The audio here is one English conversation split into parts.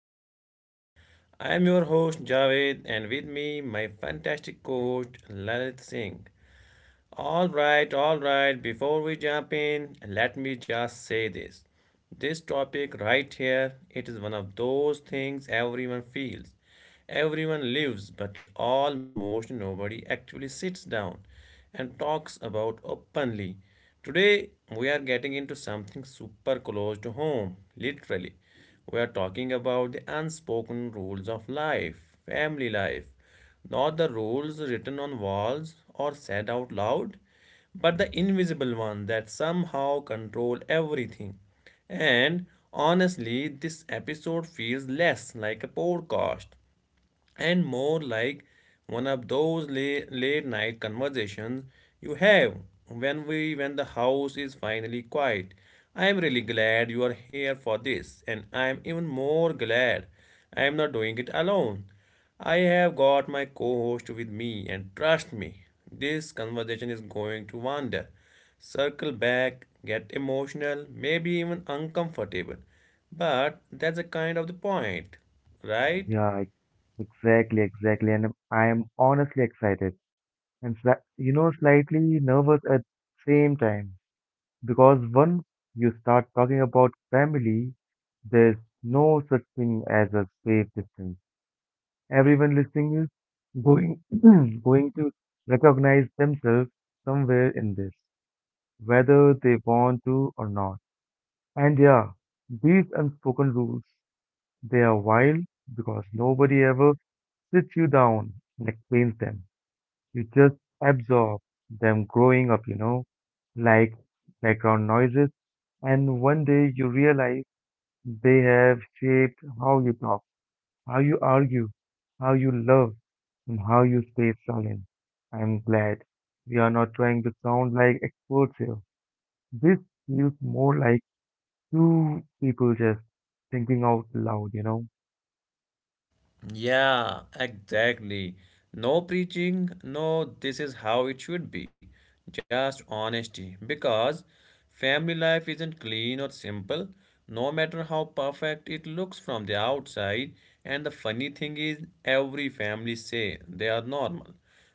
listening there. I am your host Javed and with me my fantastic coach Lalit Singh. All right, all right. Before we jump in, let me just say this. This topic right here, it is one of those things everyone feels. Everyone lives, but almost nobody actually sits down and talks about openly. Today, we are getting into something super close to home, literally. We are talking about the unspoken rules of life, family life, not the rules written on walls or said out loud, but the invisible one that somehow control everything. And honestly, this episode feels less like a podcast and more like one of those late, late night conversations you have when the house is finally quiet. I am really glad you are here for this, and I am even more glad I am not doing it alone. I have got my co-host with me, and trust me, this conversation is going to wander, circle back, get emotional, maybe even uncomfortable, but that's a kind of the point, right? Yeah, ex- exactly, exactly. And I am honestly excited and slightly nervous at same time because once you start talking about family, there's no such thing as a safe distance. Everyone listening is going going to recognize themselves somewhere in this, whether they want to or not. And yeah, these unspoken rules, they are wild because nobody ever sits you down and explains them. You just absorb them growing up, like background noises. And one day you realize they have shaped how you talk, how you argue, how you love, and how you stay silent. I'm glad we are not trying to sound like experts here. This feels more like two people just thinking out loud. Yeah, exactly. No preaching, no, this is how it should be. Just honesty. Because family life isn't clean or simple, no matter how perfect it looks from the outside. And the funny thing is, every family say they are normal.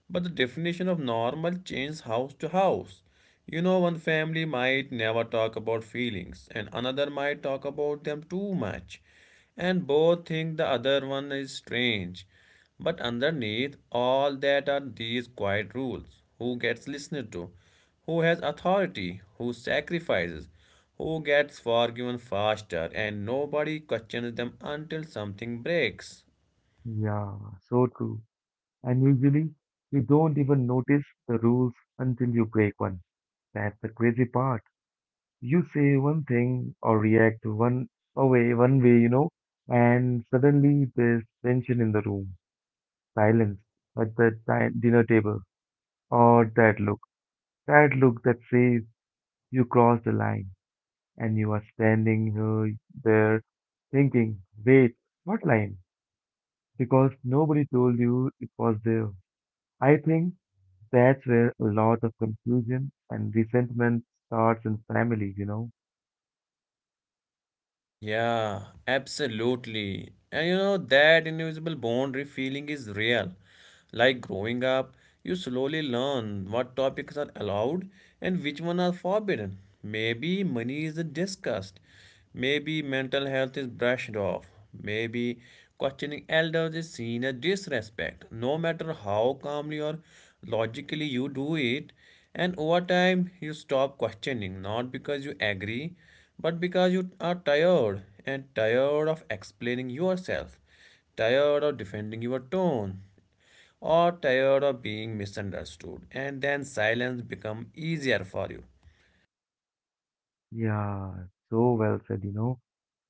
But the definition of normal changes house to house. You know, one family might never talk about feelings, and another might talk about them too much, and both think the other one is strange. But underneath all that are these quiet rules: who gets listened to, who has authority, who sacrifices, who gets forgiven faster, and nobody questions them until something breaks. Yeah, so true. And usually, you don't even notice the rules until you break one. That's the crazy part. You say one thing or react one way, and suddenly there's tension in the room, silence at the dinner table, or that look, that look that says you crossed the line, and you are standing there thinking, wait, what line? Because nobody told you it was there. I think that's where a lot of confusion and resentment starts in families. Yeah, absolutely. And you know, that invisible boundary feeling is real. Like growing up, you slowly learn what topics are allowed and which one are forbidden. Maybe money isn't discussed. Maybe mental health is brushed off. Maybe questioning elders is seen as disrespect, no matter how calmly or logically you do it. And over time, you stop questioning, not because you agree, but because you are tired, and tired of explaining yourself, tired of defending your tone, or tired of being misunderstood. And then silence become easier for you. Yeah, so well said.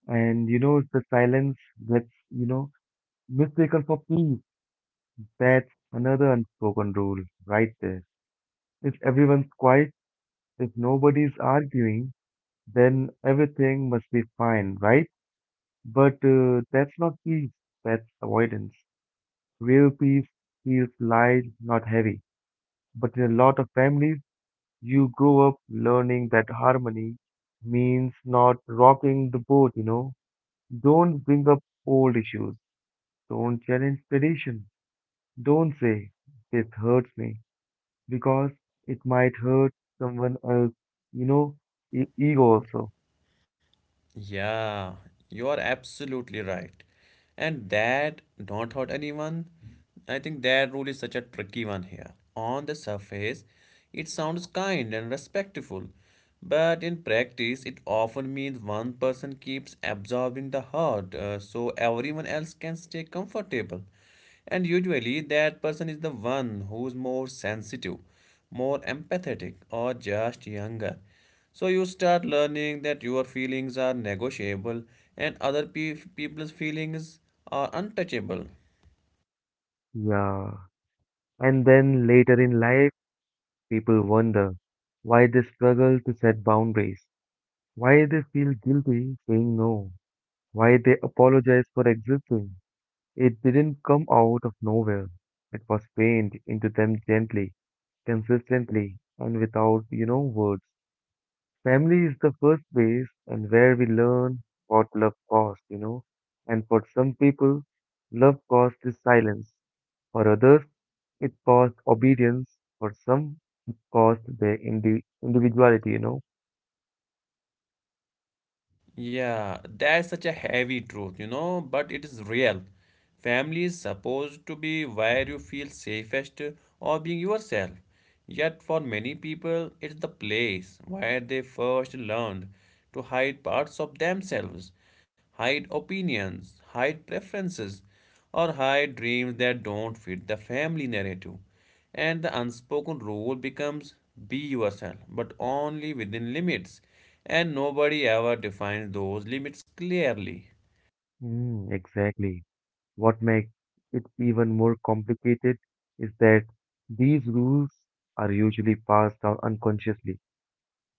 And the silence gets mistaken for peace. That's another unspoken rule right there. If everyone's quiet, if nobody's arguing, then everything must be fine, right? But that's not peace, that's avoidance. Real peace feels light, not heavy. But in a lot of families, you grow up learning that harmony means not rocking the boat. Don't bring up old issues. Don't challenge tradition. Don't say, this hurts me, because it might hurt someone else, you know, ego also. Yeah, you are absolutely right. And that don't hurt anyone. I think that rule is such a tricky one here. On the surface, it sounds kind and respectful, but in practice, it often means one person keeps absorbing the hurt, so everyone else can stay comfortable. And usually, that person is the one who's more sensitive, more empathetic, or just younger. So you start learning that your feelings are negotiable and people's feelings are untouchable. Yeah. And then later in life, people wonder why they struggle to set boundaries, why they feel guilty saying no, why they apologize for existing. It didn't come out of nowhere. It was painted into them gently, consistently, and without words. Family is the first place and where we learn what love costs, And for some people, love costs is silence. For others, it costs obedience. For some, it costs their individuality, Yeah, that's such a heavy truth, you know, but it is real. Family is supposed to be where you feel safest or being yourself. Yet, for many people, it's the place where they first learned to hide parts of themselves, hide opinions, hide preferences, or hide dreams that don't fit the family narrative. And the unspoken rule becomes be yourself, but only within limits. And nobody ever defines those limits clearly. Mm, exactly. What makes it even more complicated is that these rules are usually passed down unconsciously.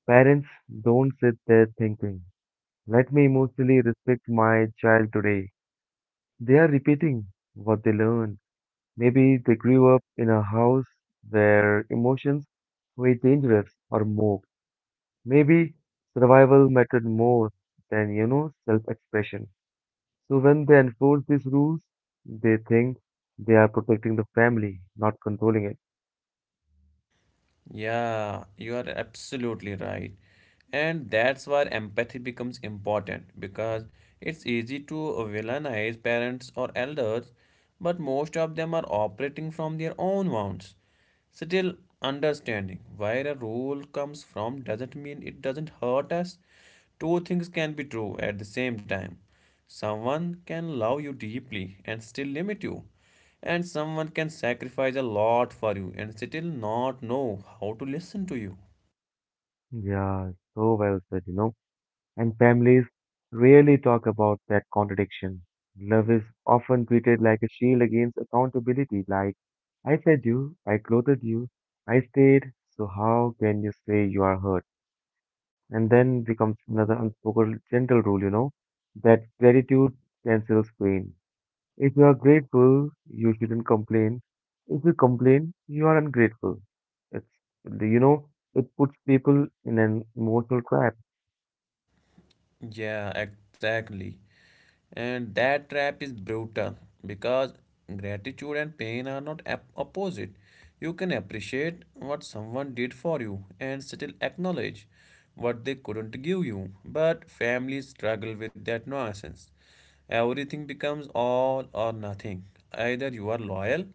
Parents don't sit there thinking, let me emotionally respect my child today. They are repeating what they learn. Maybe they grew up in a house where emotions were dangerous or mocked. Maybe survival mattered more than, self expression. So when they enforce these rules, they think they are protecting the family, not controlling it. Yeah, you are absolutely right. And that's where empathy becomes important, because it's easy to villainize parents or elders, but most of them are operating from their own wounds. Still, understanding where a rule comes from doesn't mean it doesn't hurt us. Two things can be true at the same time. Someone can love you deeply and still limit you. And someone can sacrifice a lot for you and still not know how to listen to you. Yeah, so well said. And families rarely talk about that contradiction. Love is often treated like a shield against accountability, like, I fed you, I clothed you, I stayed, so how can you say you are hurt? And then becomes another unspoken gentle rule, that gratitude cancels pain. If you are grateful, you shouldn't complain. If you complain, you are ungrateful. It's, you know, it puts people in an emotional trap. Yeah, exactly. And that trap is brutal because gratitude and pain are not opposite. You can appreciate what someone did for you and still acknowledge what they couldn't give you. But families struggle with that nonsense. Everything becomes all or nothing. Either you are loyal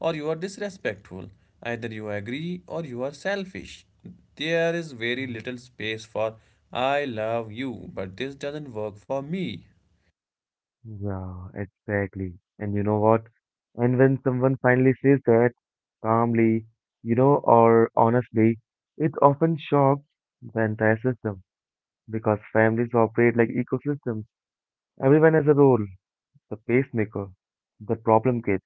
or you are disrespectful. Either you agree or you are selfish. There is very Mm, little space for I love you, but this doesn't work for me. yeah, exactly. And you know what? And when someone finally says that calmly, or honestly, it often shocks the entire system because families operate like ecosystems. Everyone has a role, the pacemaker, the problem kid,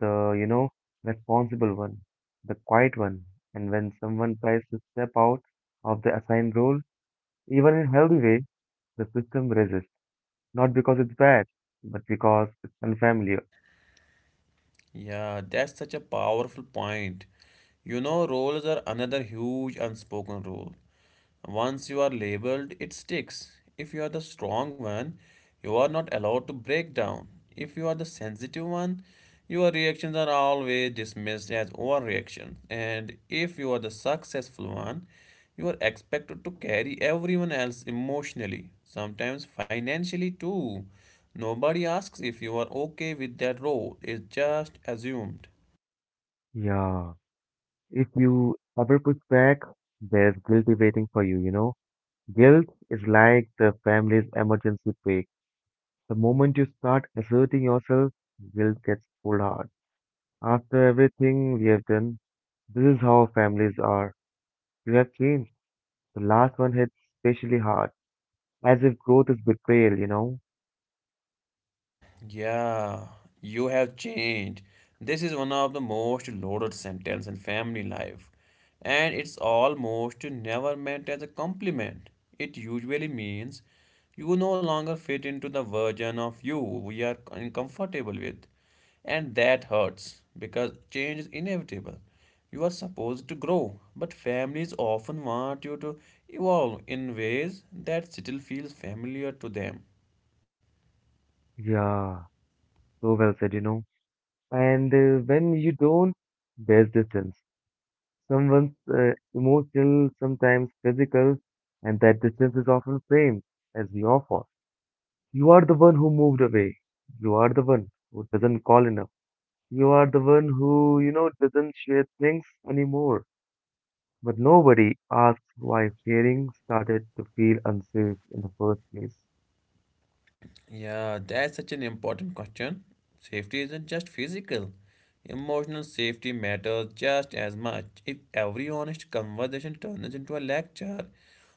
the responsible one, the quiet one. And when someone tries to step out of the assigned role, even in a healthy way, the system resists. Not because it's bad, but because it's unfamiliar. Yeah, that's such a powerful point. You know, roles are another huge unspoken rule. Once you are labeled, it sticks. If you are the strong one, you are not allowed to break down. If you are the sensitive one, your reactions are always dismissed as overreaction. And if you are the successful one, you are expected to carry everyone else emotionally, sometimes financially too. Nobody asks if you are okay with that role, it's just assumed. Yeah. If you ever push back, there's guilty waiting for you, you know? Guilt is like the family's emergency brake. The moment you start asserting yourself, guilt gets pulled hard. After everything we have done, this is how families are. You have changed. The last one hits especially hard, as if growth is betrayal. Yeah, you have changed. This is one of the most loaded sentences in family life, and it's almost never meant as a compliment. It usually means you no longer fit into the version of you we are uncomfortable with, and that hurts because change is inevitable. You are supposed to grow, but families often want you to evolve in ways that still feels familiar to them. Yeah, so well said. And when you don't, there's distance. Someone's emotional, sometimes physical, and that distance is often framed as your fault. You are the one who moved away. You are the one who doesn't call enough. You are the one who doesn't share things anymore. But nobody asks why sharing started to feel unsafe in the first place. Yeah, that's such an important question. Safety isn't just physical. Emotional safety matters just as much. If every honest conversation turns into a lecture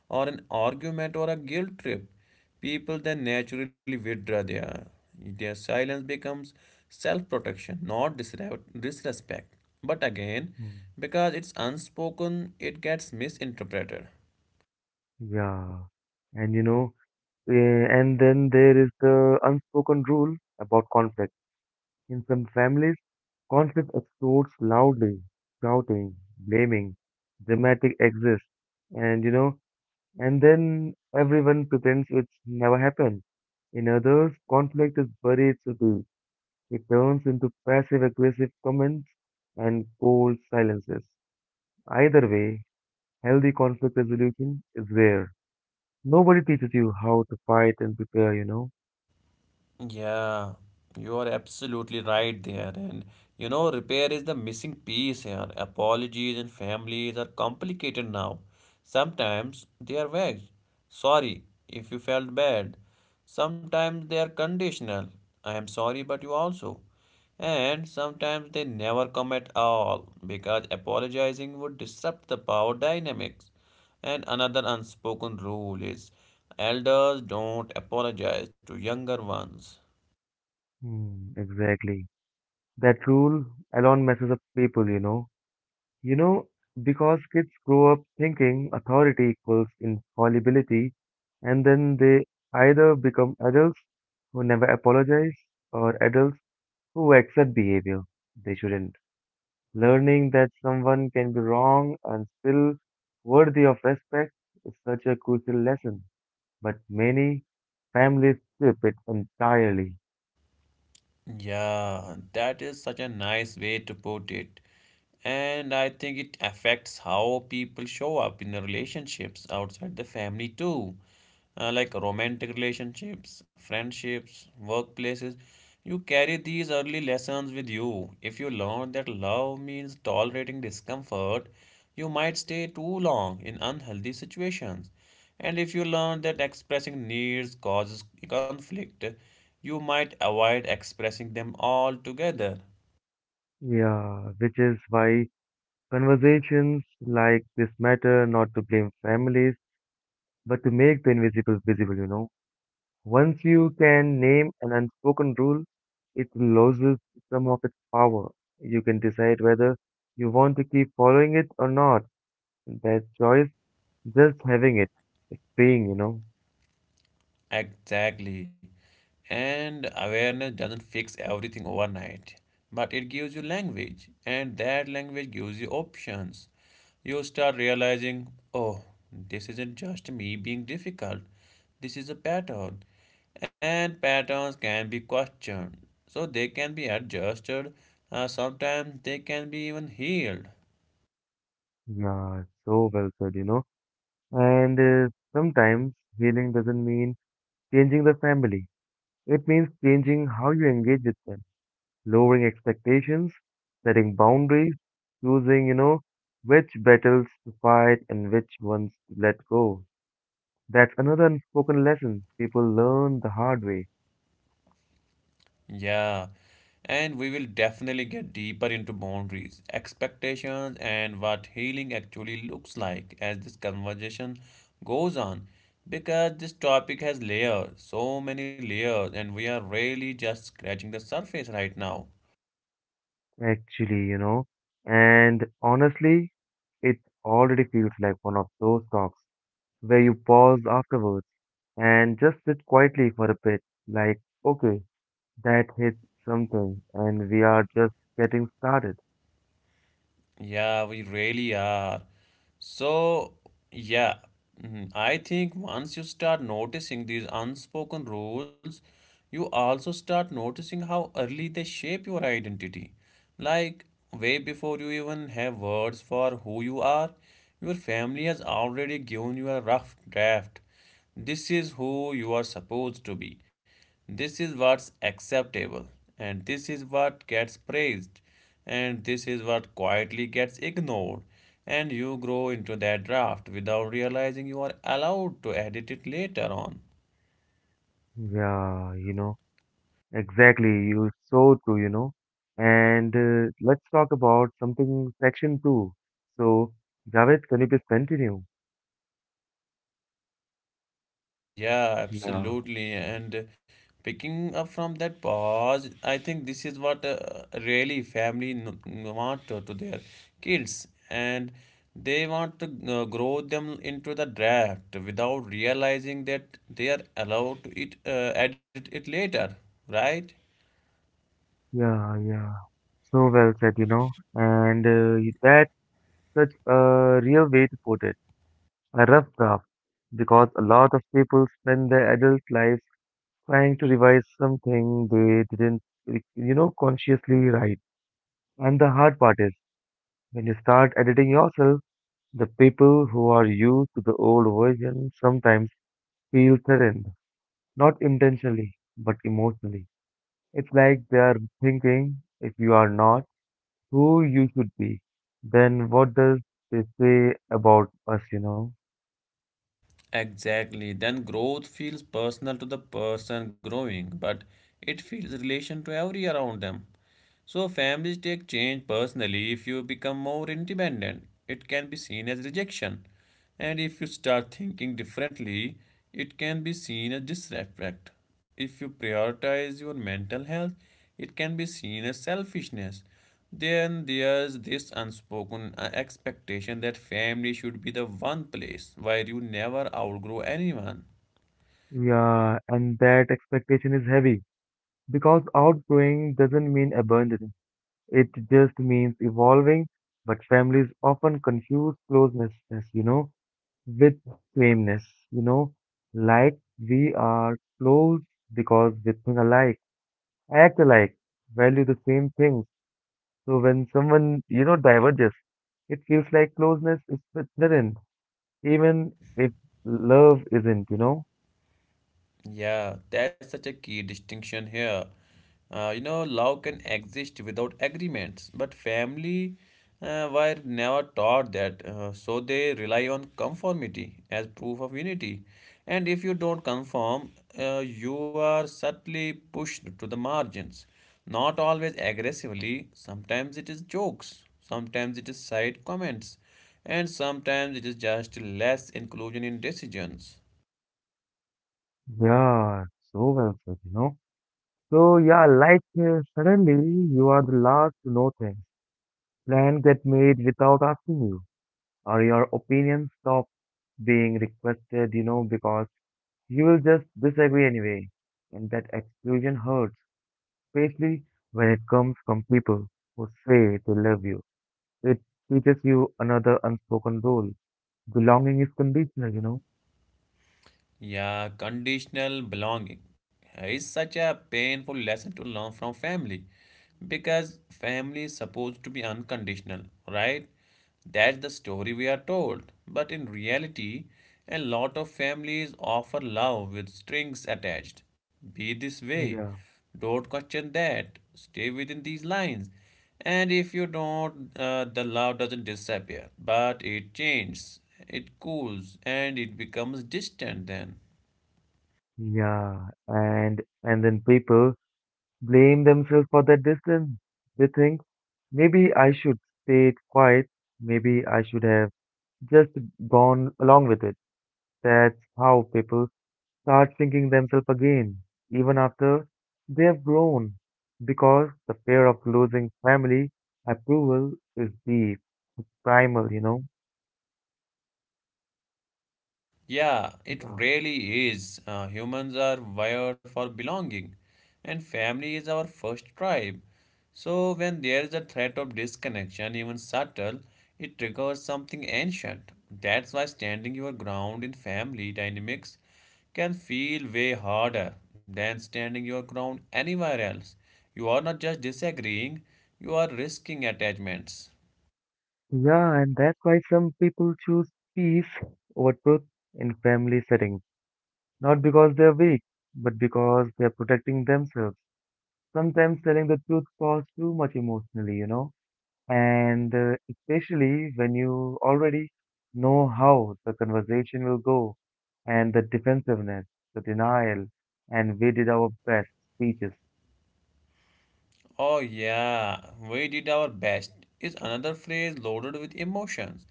or an argument or a guilt trip, people then naturally withdraw. Their silence becomes self-protection, not disrespect. But again, Hmm. because it's unspoken, it gets misinterpreted. Yeah. And you know, eh, and then there is the unspoken rule about conflict. In some families, conflict explodes loudly, shouting, blaming, dramatic exists. And you know, and then everyone pretends it's never happened. In others, conflict is buried subtly. It turns into passive aggressive comments and cold silences. Either way, healthy conflict resolution is rare. Nobody teaches you how to fight and prepare, Yeah, you are absolutely right there. And you know, repair is the missing piece here. Apologies and families are complicated now. Sometimes they are vague. Sorry if you felt bad. Sometimes they are conditional. I am sorry, but you also. And sometimes they never come at all because apologizing would disrupt the power dynamics. And another unspoken rule is elders don't apologize to younger ones. Hmm, exactly. That rule alone messes up people, You know, because kids grow up thinking authority equals infallibility, and then they either become adults who never apologize or adults who accept behavior they shouldn't. Learning that someone can be wrong and still worthy of respect is such a crucial lesson, but many families skip it entirely. Yeah, that is such a nice way to put it. And I think it affects how people show up in the relationships outside the family too. Like romantic relationships, friendships, workplaces. You carry these early lessons with you. If you learn that love means tolerating discomfort, you might stay too long in unhealthy situations. And if you learn that expressing needs causes conflict, you might avoid expressing them altogether. Yeah, which is why conversations like this matter not to blame families, but to make the invisible visible, Once you can name an unspoken rule, it loses some of its power. You can decide whether you want to keep following it or not. That choice, just having it, it's being, Exactly. And awareness doesn't fix everything overnight, but it gives you language, and that language gives you options. You start realizing, oh, this isn't just me being difficult, this is a pattern. And patterns can be questioned, so they can be adjusted, sometimes they can be even healed. yeah, so well said. And sometimes healing doesn't mean changing the family. It means changing how you engage with them, lowering expectations, setting boundaries, choosing which battles to fight and which ones to let go. That's another unspoken lesson people learn the hard way, Yeah, and we will definitely get deeper into boundaries, expectations, and what healing actually looks like as this conversation goes on. Because this topic has layers, so many layers, and we are really just scratching the surface right now. actually, And honestly, it already feels like one of those talks where you pause afterwards and just sit quietly for a bit, like, okay, that hit something, and we are just getting started. Yeah, we really are. So, yeah, mhm, I think once you start noticing these unspoken rules, you also start noticing how early they shape your identity. Like, way before you even have words for who you are, your family has already given you a rough draft. This is who you are supposed to be. This is what's acceptable, and this is what gets praised, and this is what quietly gets ignored. And you grow into that draft without realizing you are allowed to edit it later on. Yeah, exactly. You're so true, And let's talk about something section two. So, Javed, can you please continue? Yeah, Yeah, absolutely. And picking up from that pause, I think this is what really family want to, their kids, and they want to grow them into the draft without realizing that they are allowed to it, edit it later, right? yeah. So well said, That's such a real way to put it. A rough draft because a lot of people spend their adult lives trying to revise something they didn't, consciously write. And the hard part is when you start editing yourself, the people who are used to the old version sometimes feel threatened, not intentionally, but emotionally. It's like they are thinking if you are not who you should be, then what does they say about us, Exactly. Then growth feels personal to the person growing, but it feels relation to every around them. So families take change personally. If you become more independent, it can be seen as rejection. And if you start thinking differently, it can be seen as disrespect. If you prioritize your mental health, it can be seen as selfishness. Then there's this unspoken expectation that family should be the one place where you never outgrow anyone. Yeah, and that expectation is heavy because outgrowing doesn't mean abandon, it just means evolving. But families often confuse closeness, you know, with sameness, you know, like we are close because we think alike, act alike, value the same things. So when someone, diverges, it feels like closeness is within, even if love isn't, Yeah, that's such a key distinction here. You know, love can exist without agreements, but family were never taught that, so they rely on conformity as proof of unity. And if you don't conform, you are subtly pushed to the margins. Not always aggressively, sometimes it is jokes, sometimes it is side comments, and sometimes it is just less inclusion in decisions. Yeah, so well said, So yeah, suddenly you are the last to know things. Plans get made without asking you, or your opinions stop being requested, because you will just disagree anyway. And that exclusion hurts, especially when it comes from people who say they love you. It teaches you another unspoken rule. Belonging is conditional, Yeah, conditional belonging is such a painful lesson to learn from family because family is supposed to be unconditional, right? That's the story we are told. But in reality, a lot of families offer love with strings attached. Be this way. Yeah. Don't question that. Stay within these lines. And if you don't, the love doesn't disappear, but it changes, it cools, and it becomes distant then. Yeah. And then people blame themselves for that distance. They think maybe I should stay quiet, maybe I should have just gone along with it. That's how people start thinking themselves again, even after they have grown, because the fear of losing family approval is deep, primal, Yeah, it Yeah. really is. Humans are wired for belonging, and family is our first tribe. So, when there is a threat of disconnection, even subtle, it triggers something ancient. That's why standing your ground in family dynamics can feel way harder than standing your ground anywhere else. You are not just disagreeing, you are risking attachments. Yeah, and that's why some people choose peace over truth in family settings, not because they're weak, but because they're protecting themselves. Sometimes telling the truth costs too much emotionally, and especially when you already know how the conversation will go and the defensiveness, the denial, and we did our best speeches. Oh, yeah, we did our best is another phrase loaded with emotions.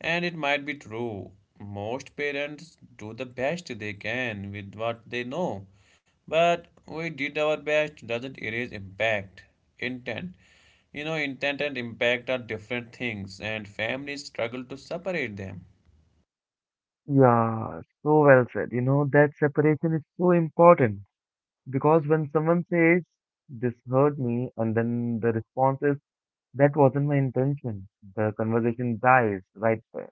And it might be true. Most parents do the best they can with what they know. But we did our best doesn't erase impact, intent. You know, intent and impact are different things, and families struggle to separate them. Yeah, so well said. You know, that separation is so important because when someone says, this hurt me, and then the response is, that wasn't my intention, the conversation dies right there.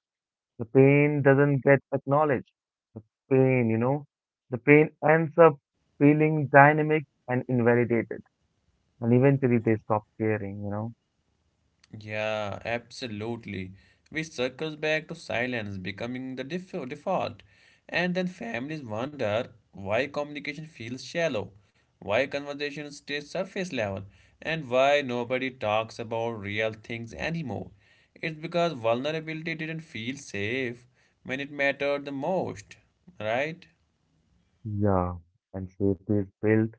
The pain doesn't get acknowledged. The pain, the pain ends up feeling dynamic and invalidated. And eventually they stop caring, Yeah, absolutely. Which circles back to silence becoming the default. And then families wonder why communication feels shallow, why conversations stay surface level, and why nobody talks about real things anymore. It's because vulnerability didn't feel safe when it mattered the most, right? Yeah. And safety is built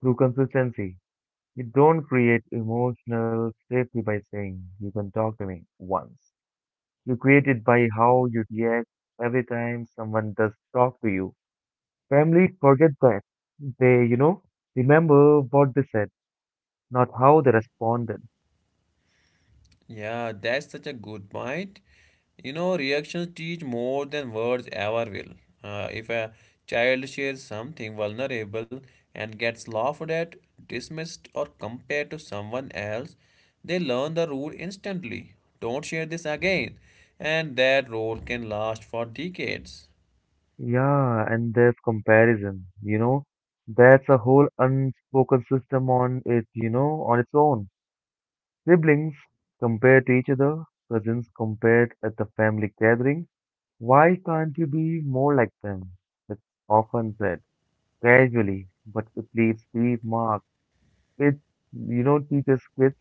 through consistency. You don't create emotional safety by saying, you can talk to me once. You create it by how you react every time someone does talk to you. Family forget that. They remember what they said, not how they responded. Yeah, that's such a good point. You know, reactions teach more than words ever will. If a child shares something vulnerable and gets laughed at, dismissed, or compared to someone else, they learn the rule instantly. Don't share this again. And that rule can last for decades. Yeah, and there's comparison, That's a whole unspoken system on it, on its own. Siblings compared to each other, cousins compared at the family gathering. Why can't you be more like them? It's often said casually, but it leaves deep marks. It teaches kids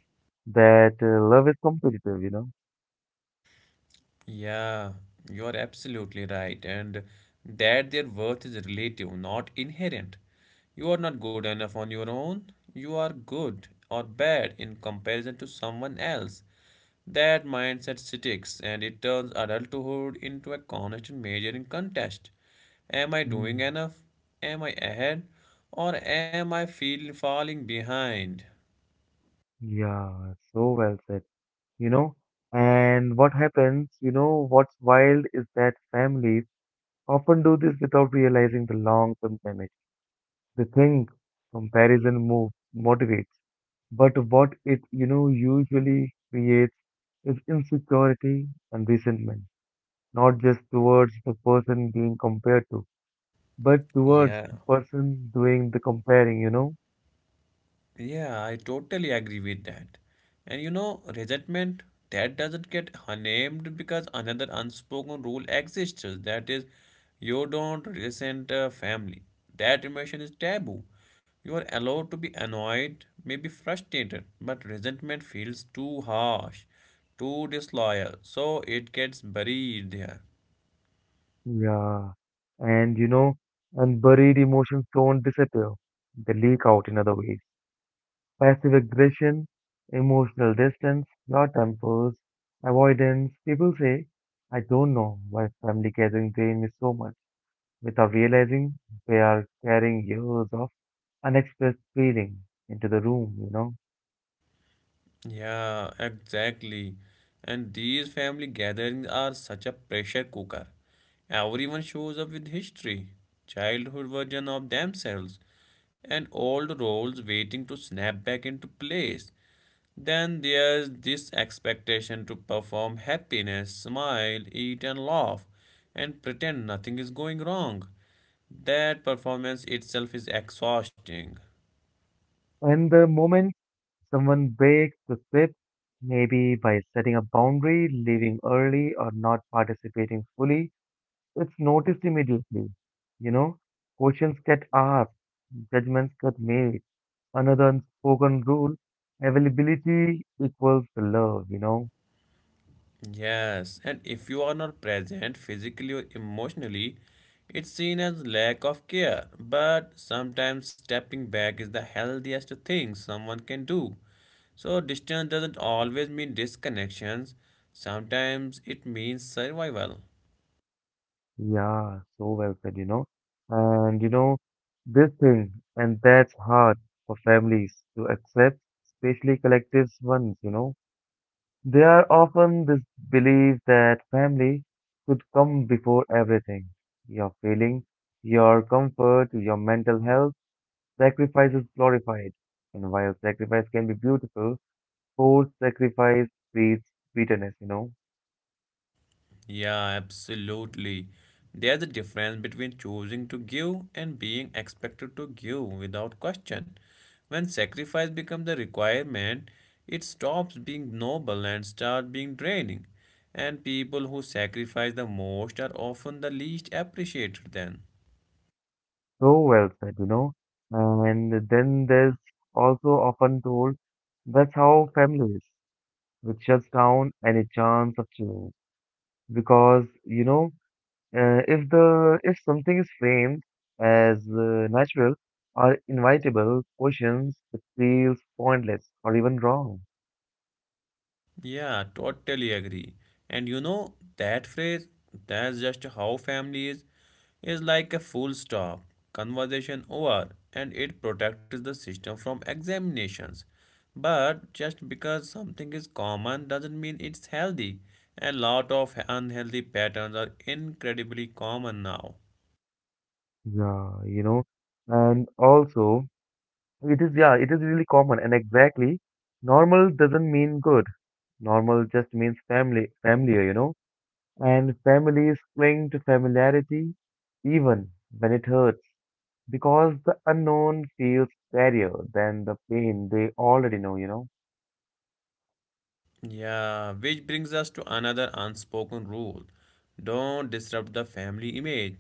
that love is competitive, Yeah, you're absolutely right. And that their worth is relative, not inherent. You are not good enough on your own. You are good or bad in comparison to someone else. That mindset sticks and it turns adulthood into a constant measuring contest. Am I doing Mm, enough? Am I ahead? Or am I feel falling behind? yeah, so well said. you know. And what happens, what's wild is that families often do this without realizing the long-term damage. They think comparison move motivates, but what it usually creates is insecurity and resentment, not just towards the person being compared to, but towards Yeah. the person doing the comparing. Yeah, I totally agree with that. And you know, resentment that doesn't get named because another unspoken rule exists. That is, you don't resent a family. That emotion is taboo. You are allowed to be annoyed, maybe frustrated, but resentment feels too harsh, too disloyal, so it gets buried there. Yeah. And, you know, and buried emotions don't disappear. They leak out in other ways. Passive aggression, emotional distance, short tempers, avoidance. People say, I don't know why family gathering drain me so much without realizing they are carrying years of unexpressed feeling into the room. Yeah, exactly. And these family gatherings are such a pressure cooker. Everyone shows up with history, childhood version of themselves, and old roles waiting to snap back into place. Then there's this expectation to perform happiness, smile, eat and laugh, and pretend nothing is going wrong. That performance itself is exhausting. And the moment someone breaks the script, maybe by setting a boundary, leaving early, or not participating fully, it's noticed immediately, you know. Questions get asked, judgments get made. Another unspoken rule, availability equals love. Yes, and if you are not present physically or emotionally, it's seen as lack of care. But sometimes stepping back is the healthiest thing someone can do. So, distance doesn't always mean disconnections, sometimes it means survival. Yeah, so well said. And this thing, and that's hard for families to accept, especially collective ones. They are often this belief that family should come before everything. Your feeling, your comfort, your mental health, sacrifice is glorified. And while sacrifice can be beautiful, forced sacrifice breeds bitterness. Yeah, absolutely. There's a difference between choosing to give and being expected to give without question. When sacrifice becomes a requirement, it stops being noble and starts being draining. And people who sacrifice the most are often the least appreciated then. So well said. And then there's also often told that's how family is, which shuts down any chance of change. Because, if the if something is framed as natural or inevitable, questions it feels pointless or even wrong. Yeah, totally agree. And you know, that phrase, that's just how family is like a full stop, conversation over, and it protects the system from examinations. But just because something is common doesn't mean it's healthy. A lot of unhealthy patterns are incredibly common now. Yeah, and also it is yeah, it is really common and exactly normal doesn't mean good. Normal just means familiar, and families cling to familiarity even when it hurts because the unknown feels scarier than the pain they already know. Yeah, which brings us to another unspoken rule don't disrupt the family image.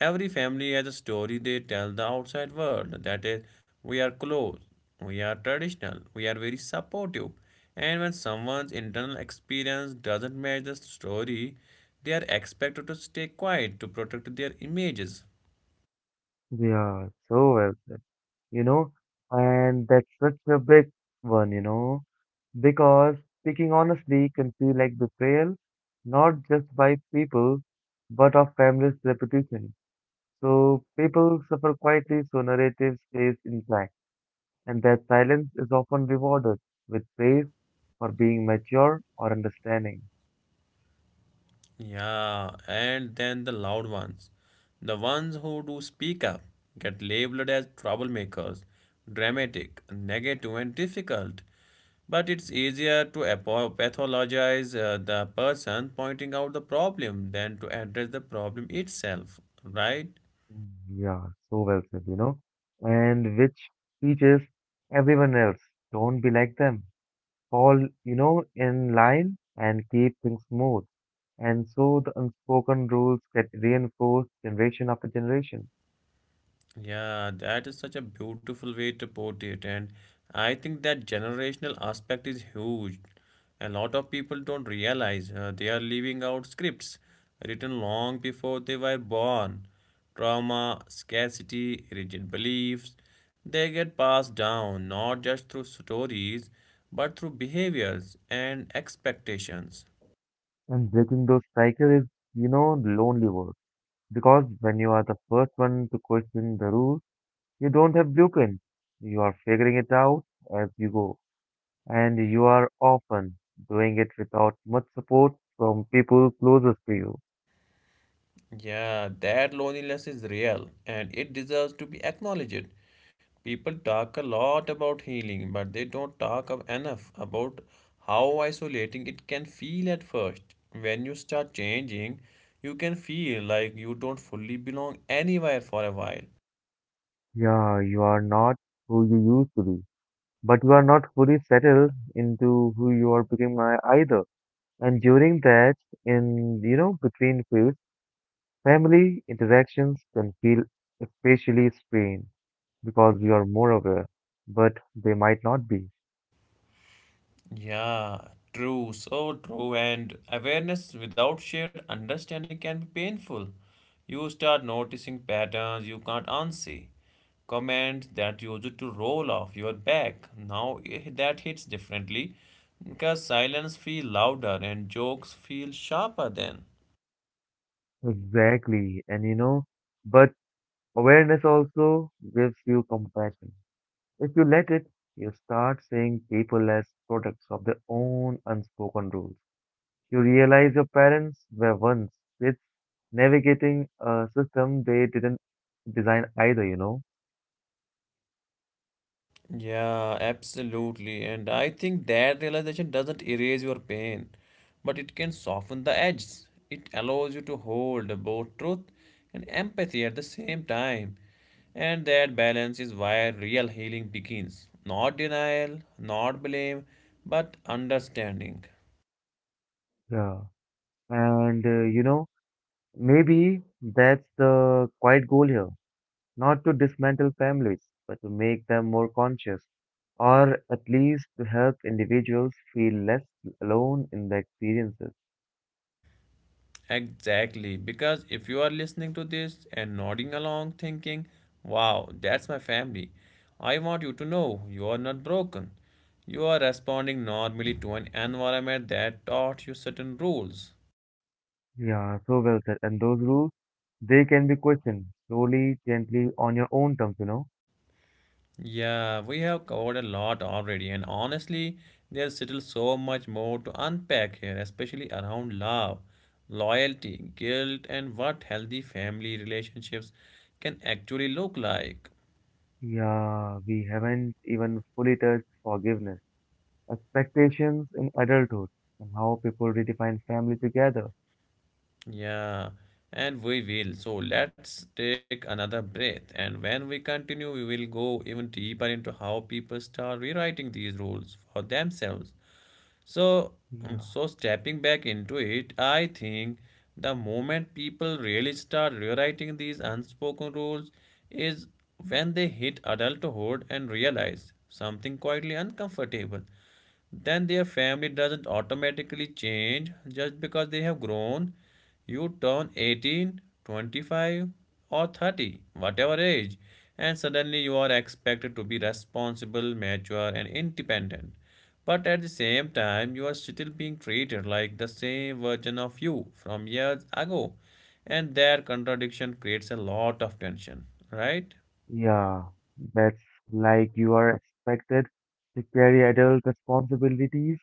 Every family has a story they tell the outside world that is, we are close, we are traditional, we are very supportive. And when someone's internal experience doesn't match the story, they are expected to stay quiet to protect their images. Yeah, so well said, you know, and that's such a big one, because speaking honestly can feel like betrayal, not just by people, but of families' reputation. So people suffer quietly, so narrative stays intact and that silence is often rewarded with praise for being mature or understanding. Yeah, and then the loud ones. The ones who do speak up get labeled as troublemakers, dramatic, negative, and difficult. But it's easier to pathologize the person pointing out the problem than to address the problem itself, right? Mm, yeah, so well said. And which teaches everyone else, don't be like them. Fall, in line and keep things smooth. And so the unspoken rules get reinforced generation after generation. Yeah, that is such a beautiful way to put it, and I think that generational aspect is huge. A lot of people don't realize they are leaving out scripts written long before they were born. Trauma, scarcity, rigid beliefs, they get passed down not just through stories but through behaviors and expectations. And breaking those cycles is lonely work. Because when you are the first one to question the rules, you don't have blueprint. You are figuring it out as you go, and you are often doing it without much support from people closest to you. Yeah, that loneliness is real and it deserves to be acknowledged. People talk a lot about healing, but they don't enough about how isolating it can feel at first. When you start changing, you can feel like you don't fully belong anywhere for a while. Yeah, you are not who you used to be, but you are not fully settled into who you are becoming either. And during that, in between fields, family interactions can feel especially strained because you are more aware, but they might not be. Yeah, true, so true. And awareness without shared understanding can be painful. You start noticing patterns you can't unsee, comments that you used to roll off your back. Now that hits differently because silence feels louder and jokes feel sharper then. Exactly, and you know. But awareness also gives you compassion. If you let it, you start seeing people as products of their own unspoken rules. You realize your parents were once kids navigating a system they didn't design either? Yeah, absolutely. And I think that realization doesn't erase your pain, but it can soften the edges. It allows you to hold both truth and empathy at the same time. And that balance is where real healing begins. Not denial, not blame, but understanding. Yeah. And, maybe that's the quiet goal here. Not to dismantle families, but to make them more conscious, or at least to help individuals feel less alone in the experiences. Exactly, because if you are listening to this and nodding along, thinking, wow, that's my family, I want you to know you are not broken. You are responding normally to an environment that taught you certain rules. Yeah, so well said. And those rules, they can be questioned slowly, gently, on your own terms. Yeah, we have covered a lot already, and honestly, there's still so much more to unpack here, especially around love, loyalty, guilt, and what healthy family relationships can actually look like. Yeah, we haven't even fully touched forgiveness, expectations in adulthood, and how people redefine family together. Yeah, and we will. So let's take another breath. And when we continue, we will go even deeper into how people start rewriting these rules for themselves. So, Yeah, so stepping back into it, I think the moment people really start rewriting these unspoken rules is when they hit adulthood and realize something quietly uncomfortable. Then their family doesn't automatically change just because they have grown. You turn 18, 25, or 30, whatever age, and suddenly you are expected to be responsible, mature, and independent. But at the same time, you are still being treated like the same version of you from years ago. And that contradiction creates a lot of tension, right? yeah, that's like you are expected to carry adult responsibilities,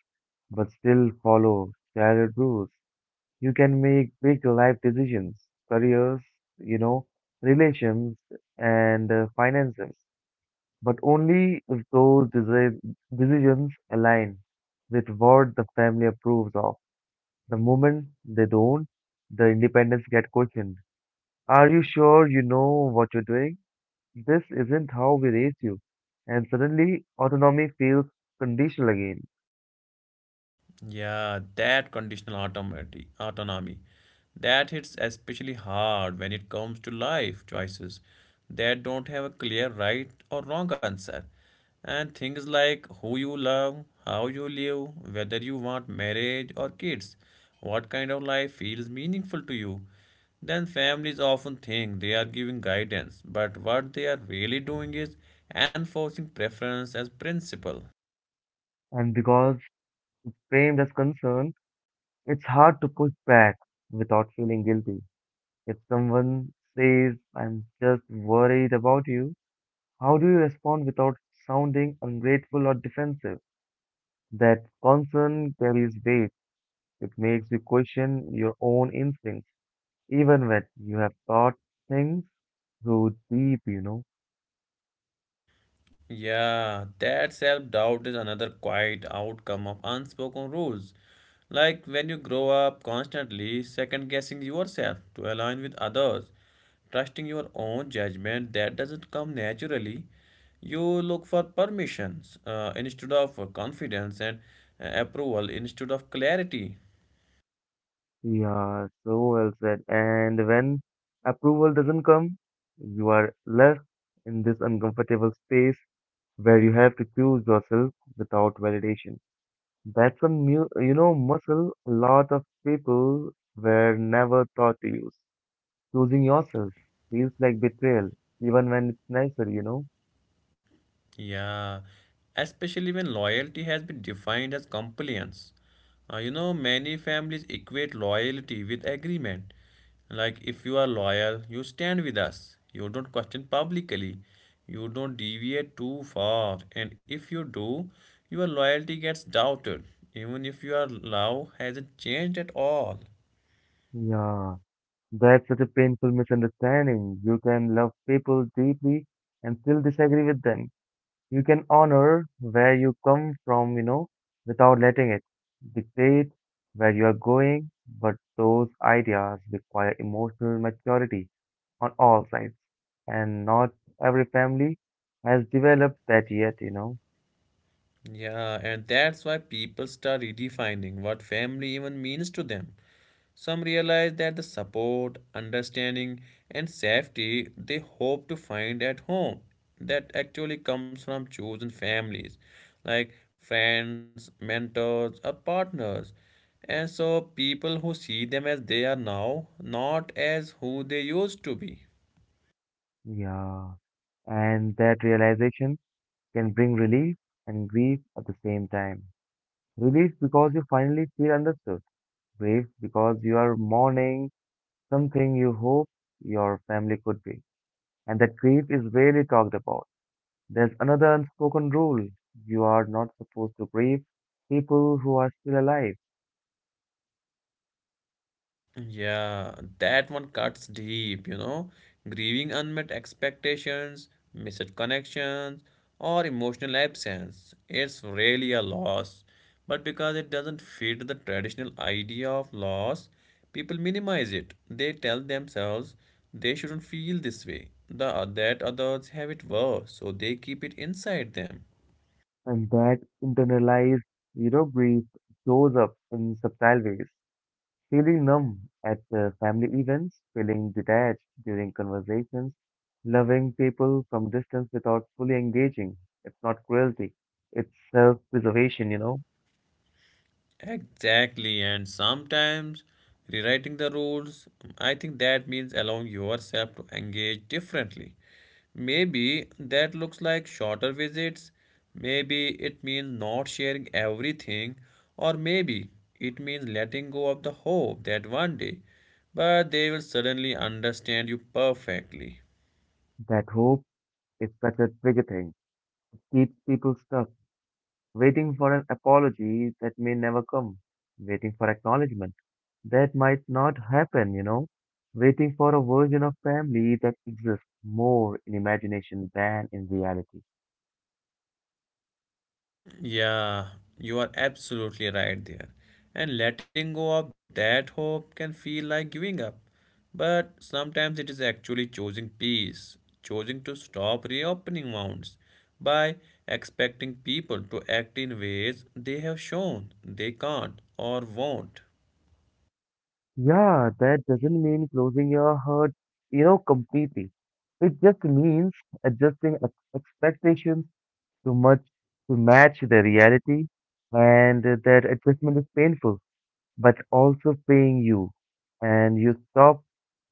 but still follow childhood rules. You can make big life decisions, careers, you know, relations, and finances, but only if those decisions align with what the family approves of. The moment they don't, the independence get questioned. Are you sure you know what you're doing? This isn't how we raised you. And suddenly, autonomy feels conditional again. Yeah, that conditional autonomy. That hits especially hard when it comes to life choices that don't have a clear right or wrong answer. And things like who you love, how you live, whether you want marriage or kids, what kind of life feels meaningful to you. Then families often think they are giving guidance, but what they are really doing is enforcing preference as principle. And because framed as concern, it's hard to push back without feeling guilty. If someone says, I'm just worried about you, how do you respond without sounding ungrateful or defensive? That concern carries weight. It makes you question your own instincts, even when you have thought things through deep. Yeah, that self doubt is another quiet outcome of unspoken rules. Like when you grow up constantly second guessing yourself to align with others, trusting your own judgment that doesn't come naturally, you look for permissions instead of confidence and approval instead of clarity. Yeah, so well said. And when approval doesn't come, you are left in this uncomfortable space where you have to choose yourself without validation. That's a mu you know muscle a lot of people were never taught to use. Choosing yourself feels like betrayal, even when it's nicer? Yeah, especially when loyalty has been defined as compliance. You know, many families equate loyalty with agreement. Like, if you are loyal, you stand with us, you don't question publicly, you don't deviate too far, and if you do, your loyalty gets doubted, even if your love hasn't changed at all. Yeah, that's such a painful misunderstanding. You can love people deeply and still disagree with them. You can honor where you come from, without letting it dictate where you are going, but those ideas require emotional maturity on all sides, and not every family has developed that yet. Yeah, and that's why people start redefining what family even means to them. Some realize that the support, understanding, and safety they hope to find at home that actually comes from chosen families, like friends, mentors, or partners. And so people who see them as they are now, not as who they used to be. Yeah, and that realization can bring relief and grief at the same time. Relief because you finally feel understood, grief because you are mourning something you hope your family could be, and that grief is rarely talked about. There's another unspoken rule: you are not supposed to grieve people who are still alive. Yeah, that one cuts deep, you know, grieving unmet expectations, missed connections, or emotional absence. It's really a loss. But because it doesn't fit the traditional idea of loss, people minimize it. They tell themselves they shouldn't feel this way, that others have it worse, so they keep it inside them. And that internalized grief shows up in subtle ways. Feeling numb at family events, feeling detached during conversations, loving people from distance without fully engaging. It's not cruelty, it's self preservation. Exactly, and sometimes rewriting the rules, I think that means allowing yourself to engage differently. Maybe that looks like shorter visits, maybe it means not sharing everything, or maybe it means letting go of the hope that one day, but they will suddenly understand you perfectly. That hope is such a trigger thing. Keeps people stuck, waiting for an apology that may never come, waiting for acknowledgement. That might not happen. Waiting for a version of family that exists more in imagination than in reality. Yeah, you are absolutely right there. And letting go of that hope can feel like giving up. But sometimes it is actually choosing peace, choosing to stop reopening wounds by expecting people to act in ways they have shown they can't or won't. Yeah, that doesn't mean closing your heart, completely. It just means adjusting expectations to much to match the reality, and that adjustment is painful, but also paying you. And you stop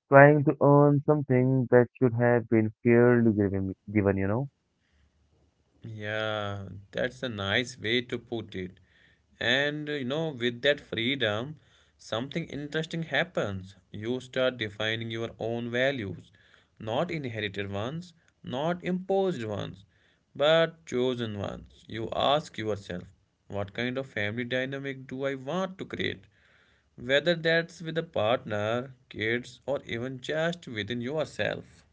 trying to earn something that should have been fairly given? Yeah, that's a nice way to put it. And you know, with that freedom, something interesting happens. You start defining your own values, not inherited ones, not imposed ones, but chosen ones. You ask yourself, what kind of family dynamic do I want to create? Whether that's with a partner, kids, or even just within yourself.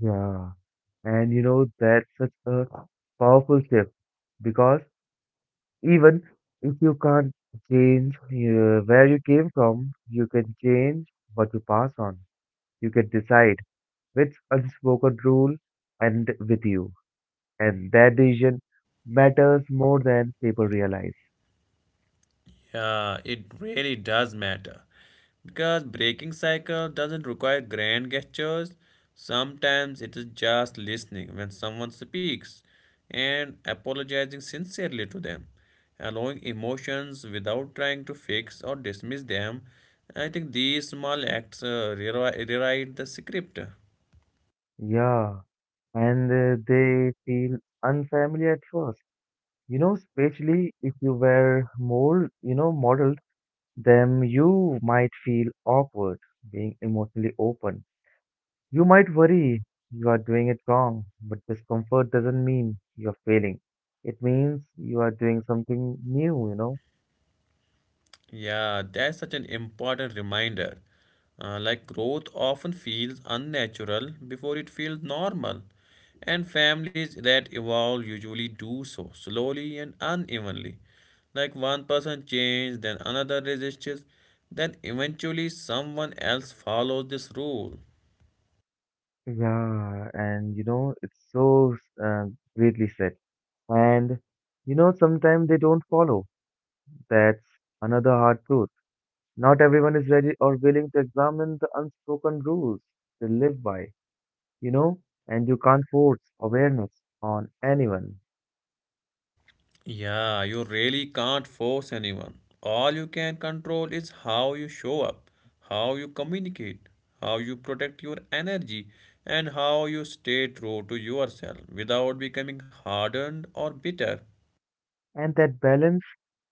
Yeah. And that's such a powerful shift because even if you can't change where you came from, you can change what you pass on. You can decide which unspoken rule end with you. And that decision matters more than people realize. Yeah, it really does matter. Because breaking cycle doesn't require grand gestures. Sometimes it is just listening when someone speaks and apologizing sincerely to them. Allowing emotions without trying to fix or dismiss them. I think these small acts rewrite the script. Yeah, and they feel unfamiliar at first. Especially if you were more, modeled. Then you might feel awkward being emotionally open. You might worry you are doing it wrong, but discomfort doesn't mean you're failing. It means you are doing something new? Yeah, that's such an important reminder. Like growth often feels unnatural before it feels normal. And families that evolve usually do so slowly and unevenly. Like one person changes, then another resists, then eventually someone else follows this rule. Yeah, and it's so uh, greatly said. And sometimes they don't follow. That's another hard truth. Not everyone is ready or willing to examine the unspoken rules they live by. you know, and you can't force awareness on anyone. Yeah, you really can't force anyone. All you can control is how you show up, how you communicate, how you protect your energy, and how you stay true to yourself without becoming hardened or bitter. And that balance,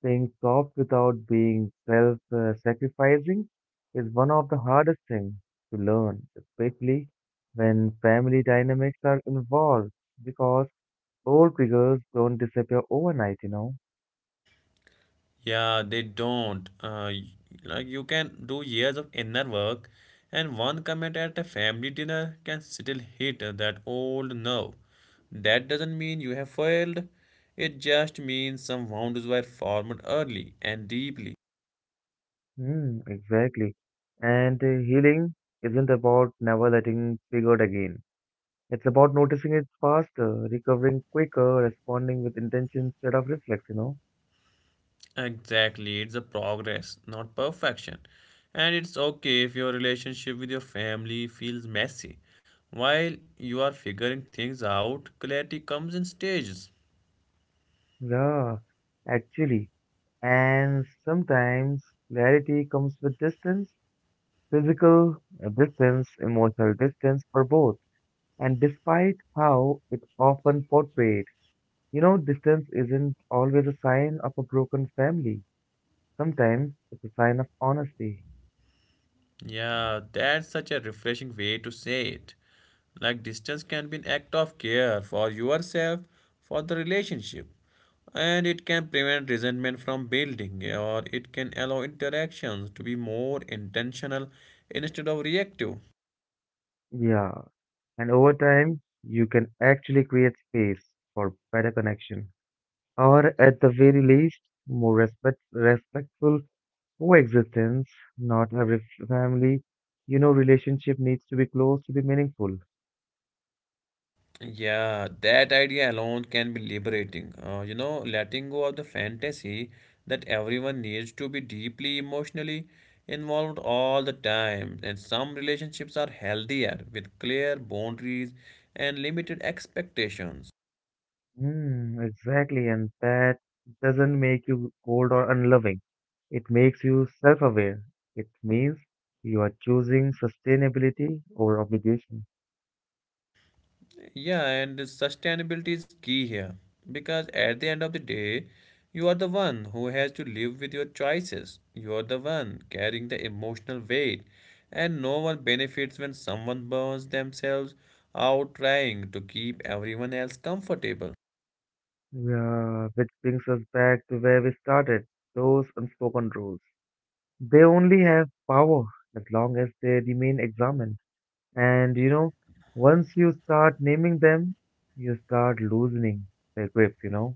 being soft without being self sacrificing, is one of the hardest things to learn, especially when family dynamics are involved, because old triggers don't disappear overnight. Yeah, they don't. Like you can do years of inner work, and one comment at a family dinner can still hit that old nerve. That doesn't mean you have failed. It just means some boundaries were formed early and deeply. Hmm, exactly. And healing isn't about never letting triggered again. It's about noticing it faster, recovering quicker, responding with intention instead of reflex? Exactly, it's a progress, not perfection. And it's okay if your relationship with your family feels messy. While you are figuring things out, clarity comes in stages. Yeah, actually. And sometimes clarity comes with distance, physical distance, emotional distance, or both. And despite how it's often portrayed, distance isn't always a sign of a broken family. Sometimes it's a sign of honesty. Yeah, that's such a refreshing way to say it. Like distance can be an act of care for yourself, for the relationship, and it can prevent resentment from building, or it can allow interactions to be more intentional instead of reactive. Yeah. And over time, you can actually create space for better connection, or at the very least, more respectful coexistence. Not every family relationship needs to be close to be meaningful. Yeah, that idea alone can be liberating. Letting go of the fantasy that everyone needs to be deeply emotionally involved all the time. And some relationships are healthier with clear boundaries and limited expectations. Mm, exactly, and that doesn't make you cold or unloving. It makes you self-aware. It means you are choosing sustainability over obligation. Yeah, and sustainability is key here because at the end of the day, you are the one who has to live with your choices. You are the one carrying the emotional weight, and no one benefits when someone burns themselves out trying to keep everyone else comfortable. Yeah, which brings us back to where we started. Those unspoken rules. They only have power as long as they remain examined. And once you start naming them, you start loosening the grip?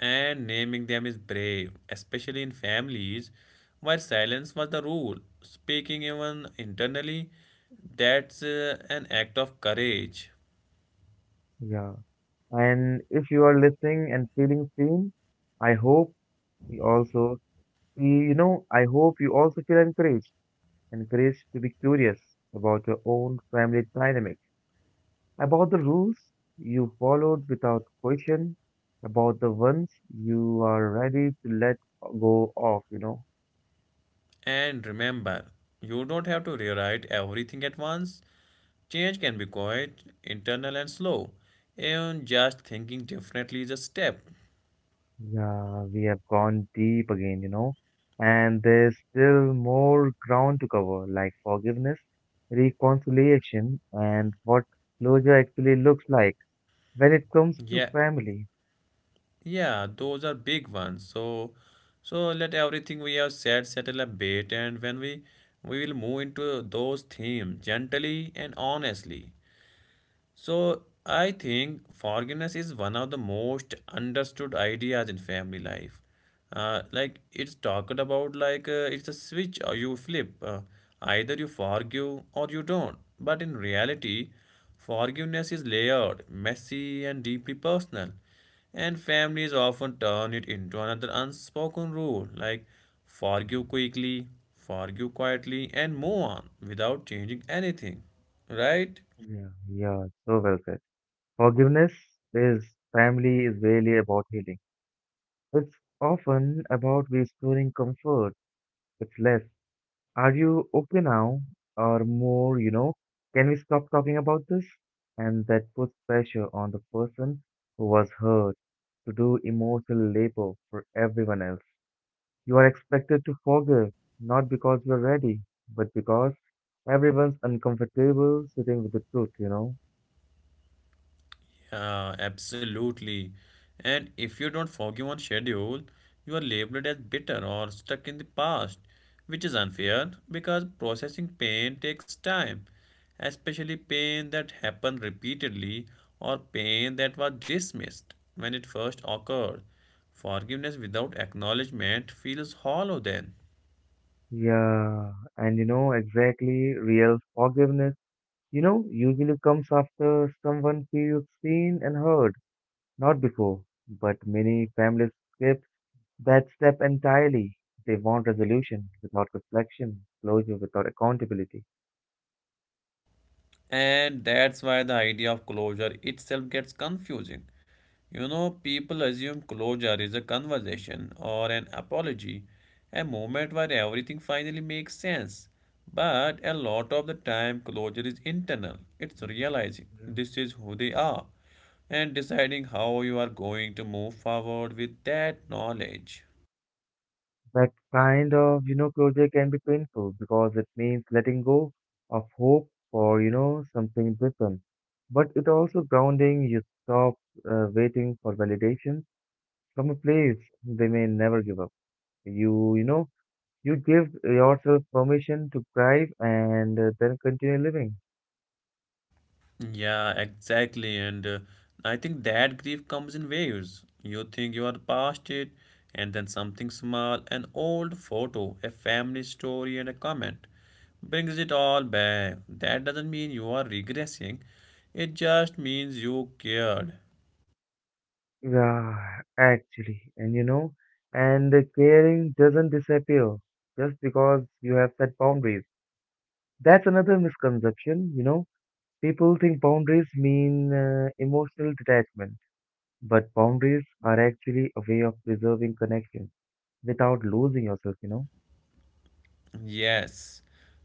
And naming them is brave, especially in families where silence was the rule. Speaking even internally, that's an act of courage. Yeah. And if you are listening and feeling seen, I hope you also, you know, I hope you also feel encouraged to be curious about your own family dynamics, about the rules you followed without question, about the ones you are ready to let go of? And remember, you don't have to rewrite everything at once. Change can be quiet, internal, and slow. And just thinking differently is a step. Yeah, we have gone deep again, and there's still more ground to cover, like forgiveness, reconciliation, and what closure actually looks like when it comes to Yeah, family. yeah, those are big ones. So let everything we have said settle a bit, and when we will move into those themes gently and honestly. So I think forgiveness is one of the most understood ideas in family life. Like it's talked about like it's a switch or you flip. Either you forgive or you don't. But in reality, forgiveness is layered, messy, and deeply personal. And families often turn it into another unspoken rule like forgive quickly, forgive quietly, and move on without changing anything. Right? Yeah, yeah, so well said. Forgiveness is is really about healing. It's often about restoring comfort. It's less, are you okay now? Or more, can we stop talking about this? And that puts pressure on the person who was hurt to do emotional labor for everyone else. You are expected to forgive, not because you're ready, but because everyone's uncomfortable sitting with the truth? Yeah, absolutely. And if you don't forgive on schedule, you are labeled as bitter or stuck in the past, which is unfair because processing pain takes time, especially pain that happened repeatedly or pain that was dismissed when it first occurred. Forgiveness without acknowledgement feels hollow then. Yeah, and exactly, real forgiveness usually comes after someone feels seen and heard, not before. But many families skip that step entirely. They want resolution without reflection, closure without accountability. And that's why the idea of closure itself gets confusing. You know, people assume closure is a conversation or an apology, a moment where everything finally makes sense. But a lot of the time, closure is internal. It's realizing Yeah. this is who they are and deciding how you are going to move forward with that knowledge. That kind of closure can be painful because it means letting go of hope for something different. But it also grounding you stop waiting for validation from a place they may never give up. You, you know, you give yourself permission to thrive and then continue living. Yeah, exactly. And I think that grief comes in waves. You think you are past it, and then something small, an old photo, a family story, and a comment brings it all back. That doesn't mean you are regressing, it just means you cared. Yeah, actually, and and the caring doesn't disappear just because you have set boundaries. That's another misconception, you know. People think boundaries mean emotional detachment, but boundaries are actually a way of preserving connection without losing yourself, you know. Yes,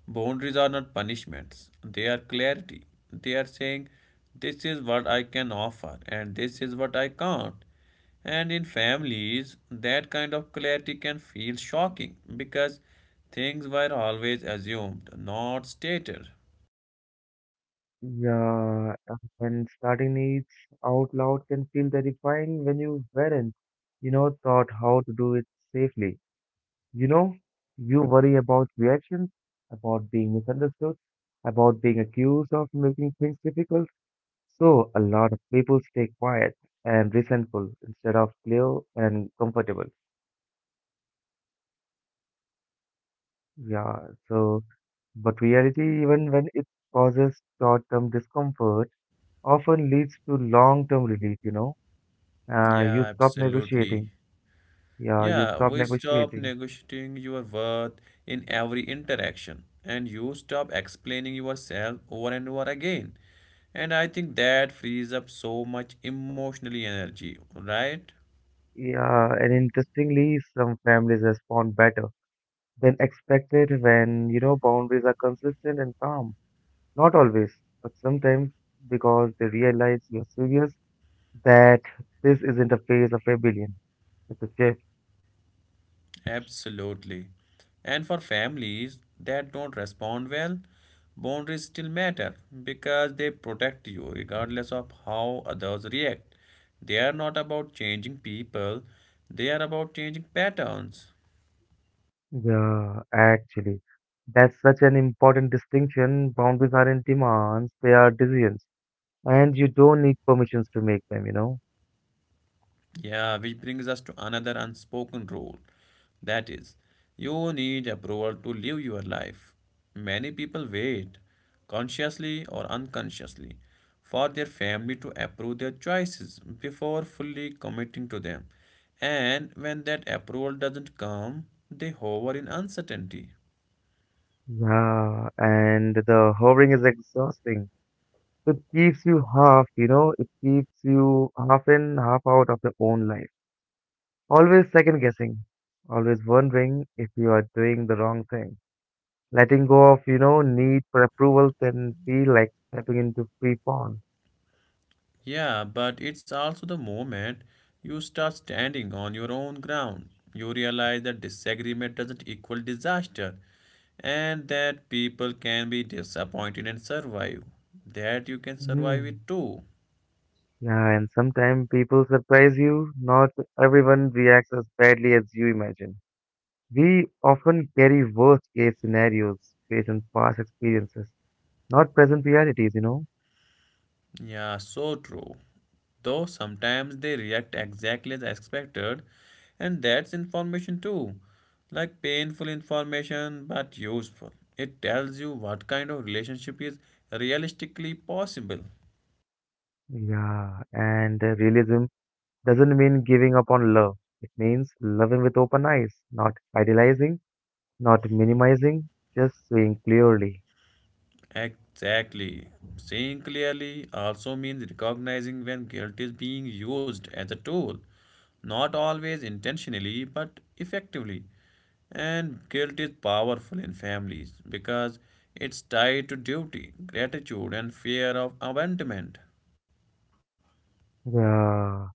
boundaries are not punishments, they are clarity. They are saying, this is what I can offer, and this is what I can't. And in families, that kind of clarity can feel shocking because things were always assumed, not stated. Yeah, and starting it out loud can feel terrifying when you weren't, you know, taught how to do it safely. You know, you worry about reactions, about being misunderstood, about being accused of making things difficult. So, a lot of people stay quiet and resentful instead of clear and comfortable. Yeah, so, but reality, even when it causes short term discomfort, often leads to long term relief, you know. Yeah, You stop absolutely. negotiating. Yeah, you Yeah, stop we stop negotiating. negotiating your worth in every interaction, and you stop explaining yourself over and over again. And I think that frees up so much emotionally energy, right? Yeah, and interestingly, some families respond better than expected when, you know, boundaries are consistent and calm. Not always, but sometimes because they realize you're serious that this isn't a phase of rebellion. It's a shift. Absolutely. And for families that don't respond well, boundaries still matter because they protect you regardless of how others react. They are not about changing people, they are about changing patterns. Yeah, actually. That's such an important distinction. Boundaries aren't demands, they are decisions. And you don't need permissions to make them, you know? Yeah, which brings us to another unspoken rule. That is, you need approval to live your life. Many people wait, consciously or unconsciously, for their family to approve their choices before fully committing to them. And when that approval doesn't come, they hover in uncertainty. Yeah, and the hovering is exhausting. It keeps you half in, half out of your own life. Always second guessing, always wondering if you are doing the wrong thing. Letting go of, you know, need for approval can feel like stepping into free fall. Yeah, but it's also the moment you start standing on your own ground. You realize that disagreement doesn't equal disaster and that people can be disappointed and survive. That you can survive Mm. it too. Yeah, and sometimes people surprise you. Not everyone reacts as badly as you imagine. We often carry worst case scenarios based on past experiences, not present realities, you know? Yeah, so true. Though sometimes they react exactly as expected, and that's information too. Like painful information but useful. It tells you what kind of relationship is realistically possible. Yeah, and realism doesn't mean giving up on love. It means loving with open eyes, not idealizing. Not minimizing, just saying clearly. Exactly. Seeing clearly also means recognizing when guilt is being used as a tool, not always intentionally but effectively. And guilt is powerful in families because it's tied to duty, gratitude, and fear of abandonment. Yeah.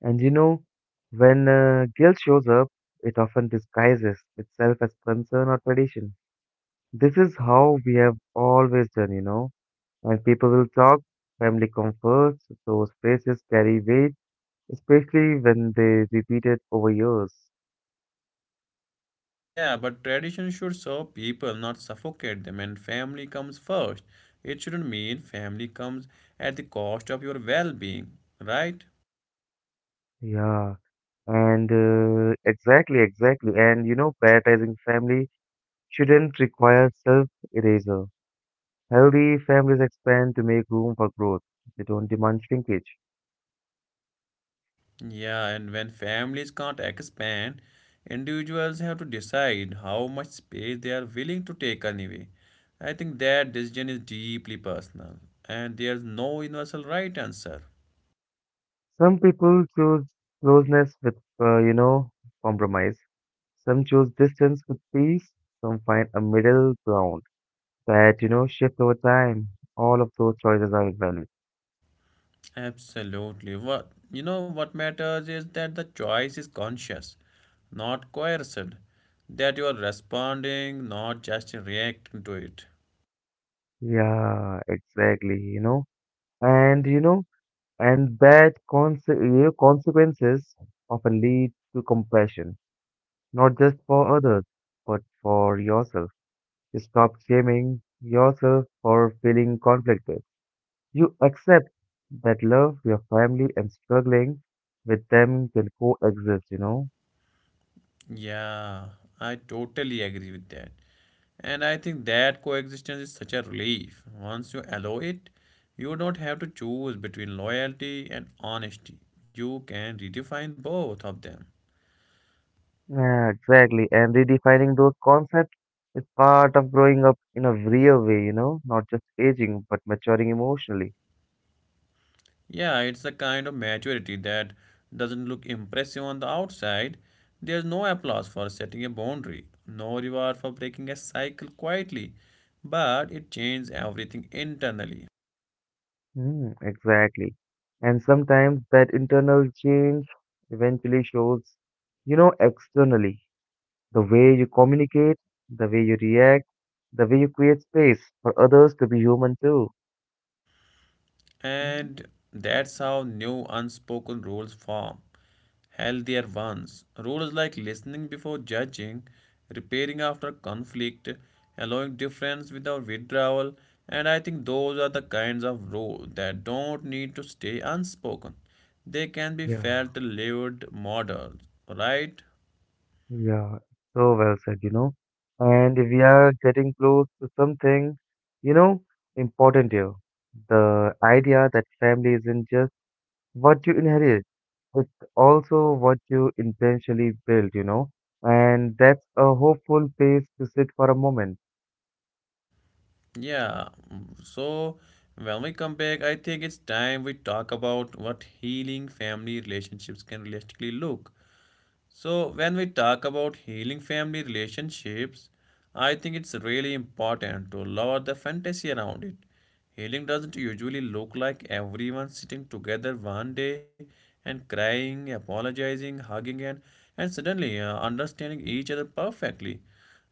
And you know, when guilt shows up, it often disguises itself as concern or tradition. This is how we have always done, you know. When people will talk, family comes first, those phrases carry weight, especially when they repeat it over years. Yeah, but tradition should serve people, not suffocate them, and family comes first. It shouldn't mean family comes at the cost of your well being, right? Yeah. And exactly. And you know, prioritizing family shouldn't require self erasure. Healthy families expand to make room for growth. They don't demand shrinkage. Yeah, and when families can't expand, individuals have to decide how much space they are willing to take anyway. I think that decision is deeply personal, and there's no universal right answer. Some people choose closeness with, you know, compromise. Some choose distance with peace. Some find a middle ground that, you know, shift over time. All of those choices are valid. Absolutely. What you know what matters is that the choice is conscious, not coerced. That you are responding, not just reacting to it. Yeah, exactly, you know. And, you know, consequences often lead to compassion, not just for others, but for yourself. Stop shaming yourself for feeling conflicted. You accept that love, your family, and struggling with them can coexist, you know? Yeah, I totally agree with that. And I think that coexistence is such a relief. Once you allow it, you don't have to choose between loyalty and honesty. You can redefine both of them. Yeah, exactly. And redefining those concepts is part of growing up in a real way, you know? Not just aging, but maturing emotionally. Yeah, it's the kind of maturity that doesn't look impressive on the outside. There's no applause for setting a boundary, no reward for breaking a cycle quietly, but it changes everything internally. Mm, exactly. And sometimes that internal change eventually shows, you know, externally. The way you communicate, the way you react, the way you create space for others to be human too. And that's how new unspoken rules form. Healthier ones. Rules like listening before judging, repairing after conflict, allowing difference without withdrawal. And I think those are the kinds of rules that don't need to stay unspoken. They can be Yeah, felt, lived, models. Right? yeah, so well said, you know. And we are getting close to something, you know, important here. The idea that family isn't just what you inherit, it's also what you intentionally build, you know. And that's a hopeful place to sit for a moment. Yeah, mm, so when we come back, I think it's time we talk about what healing family relationships can realistically look. So, when we talk about healing family relationships, I think it's really important to lower the fantasy around it. Healing doesn't usually look like everyone sitting together one day and crying, apologizing, hugging, and suddenly understanding each other perfectly.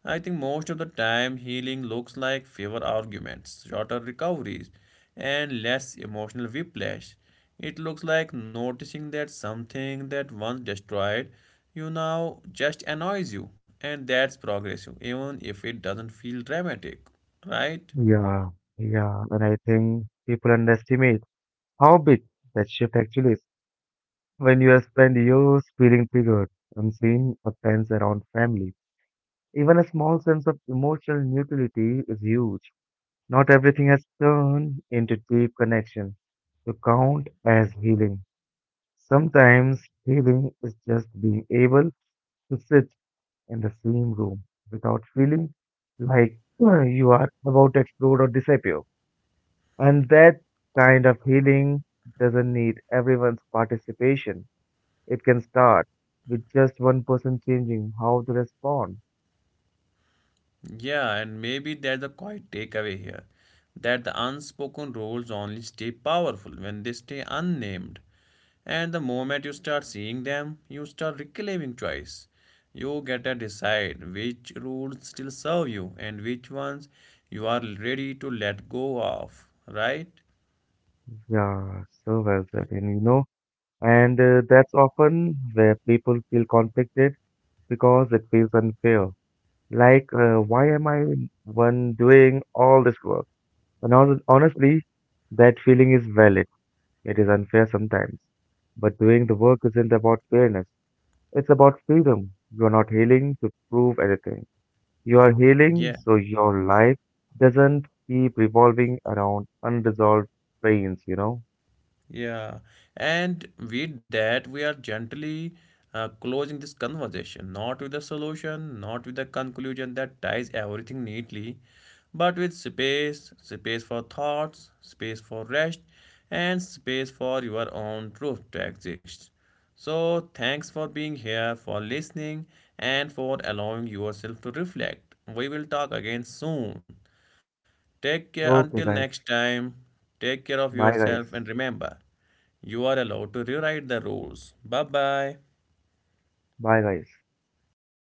I think most of the time healing looks like fewer arguments, shorter recoveries, and less emotional whiplash. It looks like noticing that something that once destroyed you now just annoys you, and that's progressive, even if it doesn't feel dramatic, right? Yeah, yeah, and I think people underestimate how big that shift actually is when you have spent years feeling triggered, unseen offense around family. Even a small sense of emotional neutrality is huge. Not everything has turned into deep connection to count as healing. Sometimes healing is just being able to sit in the same room without feeling like you are about to explode or disappear. And that kind of healing doesn't need everyone's participation. It can start with just one person changing how they respond. Yeah, and maybe that's the quiet takeaway here that the unspoken rules only stay powerful when they stay unnamed. And the moment you start seeing them, you start reclaiming choice. You get to decide which rules still serve you and which ones you are ready to let go of, right? Yeah, so well said. And you know, and that's often where people feel conflicted because it feels unfair. Like, why am I one doing all this work? And honestly, that feeling is valid. It is unfair sometimes. But doing the work isn't about fairness, it's about freedom. You are not healing to prove anything. You are healing Yeah. so your life doesn't keep revolving around unresolved pains, you know? Yeah, and with that, we are gently closing this conversation, not with a solution, not with a conclusion that ties everything neatly, but with space, space for thoughts, space for rest, and space for your own truth to exist. So, thanks for being here, for listening, and for allowing yourself to reflect. We will talk again soon. Take care until Okay, next guys. time. Take care of Bye, yourself guys. and remember, you are allowed to rewrite the rules. Bye bye. Bye, guys.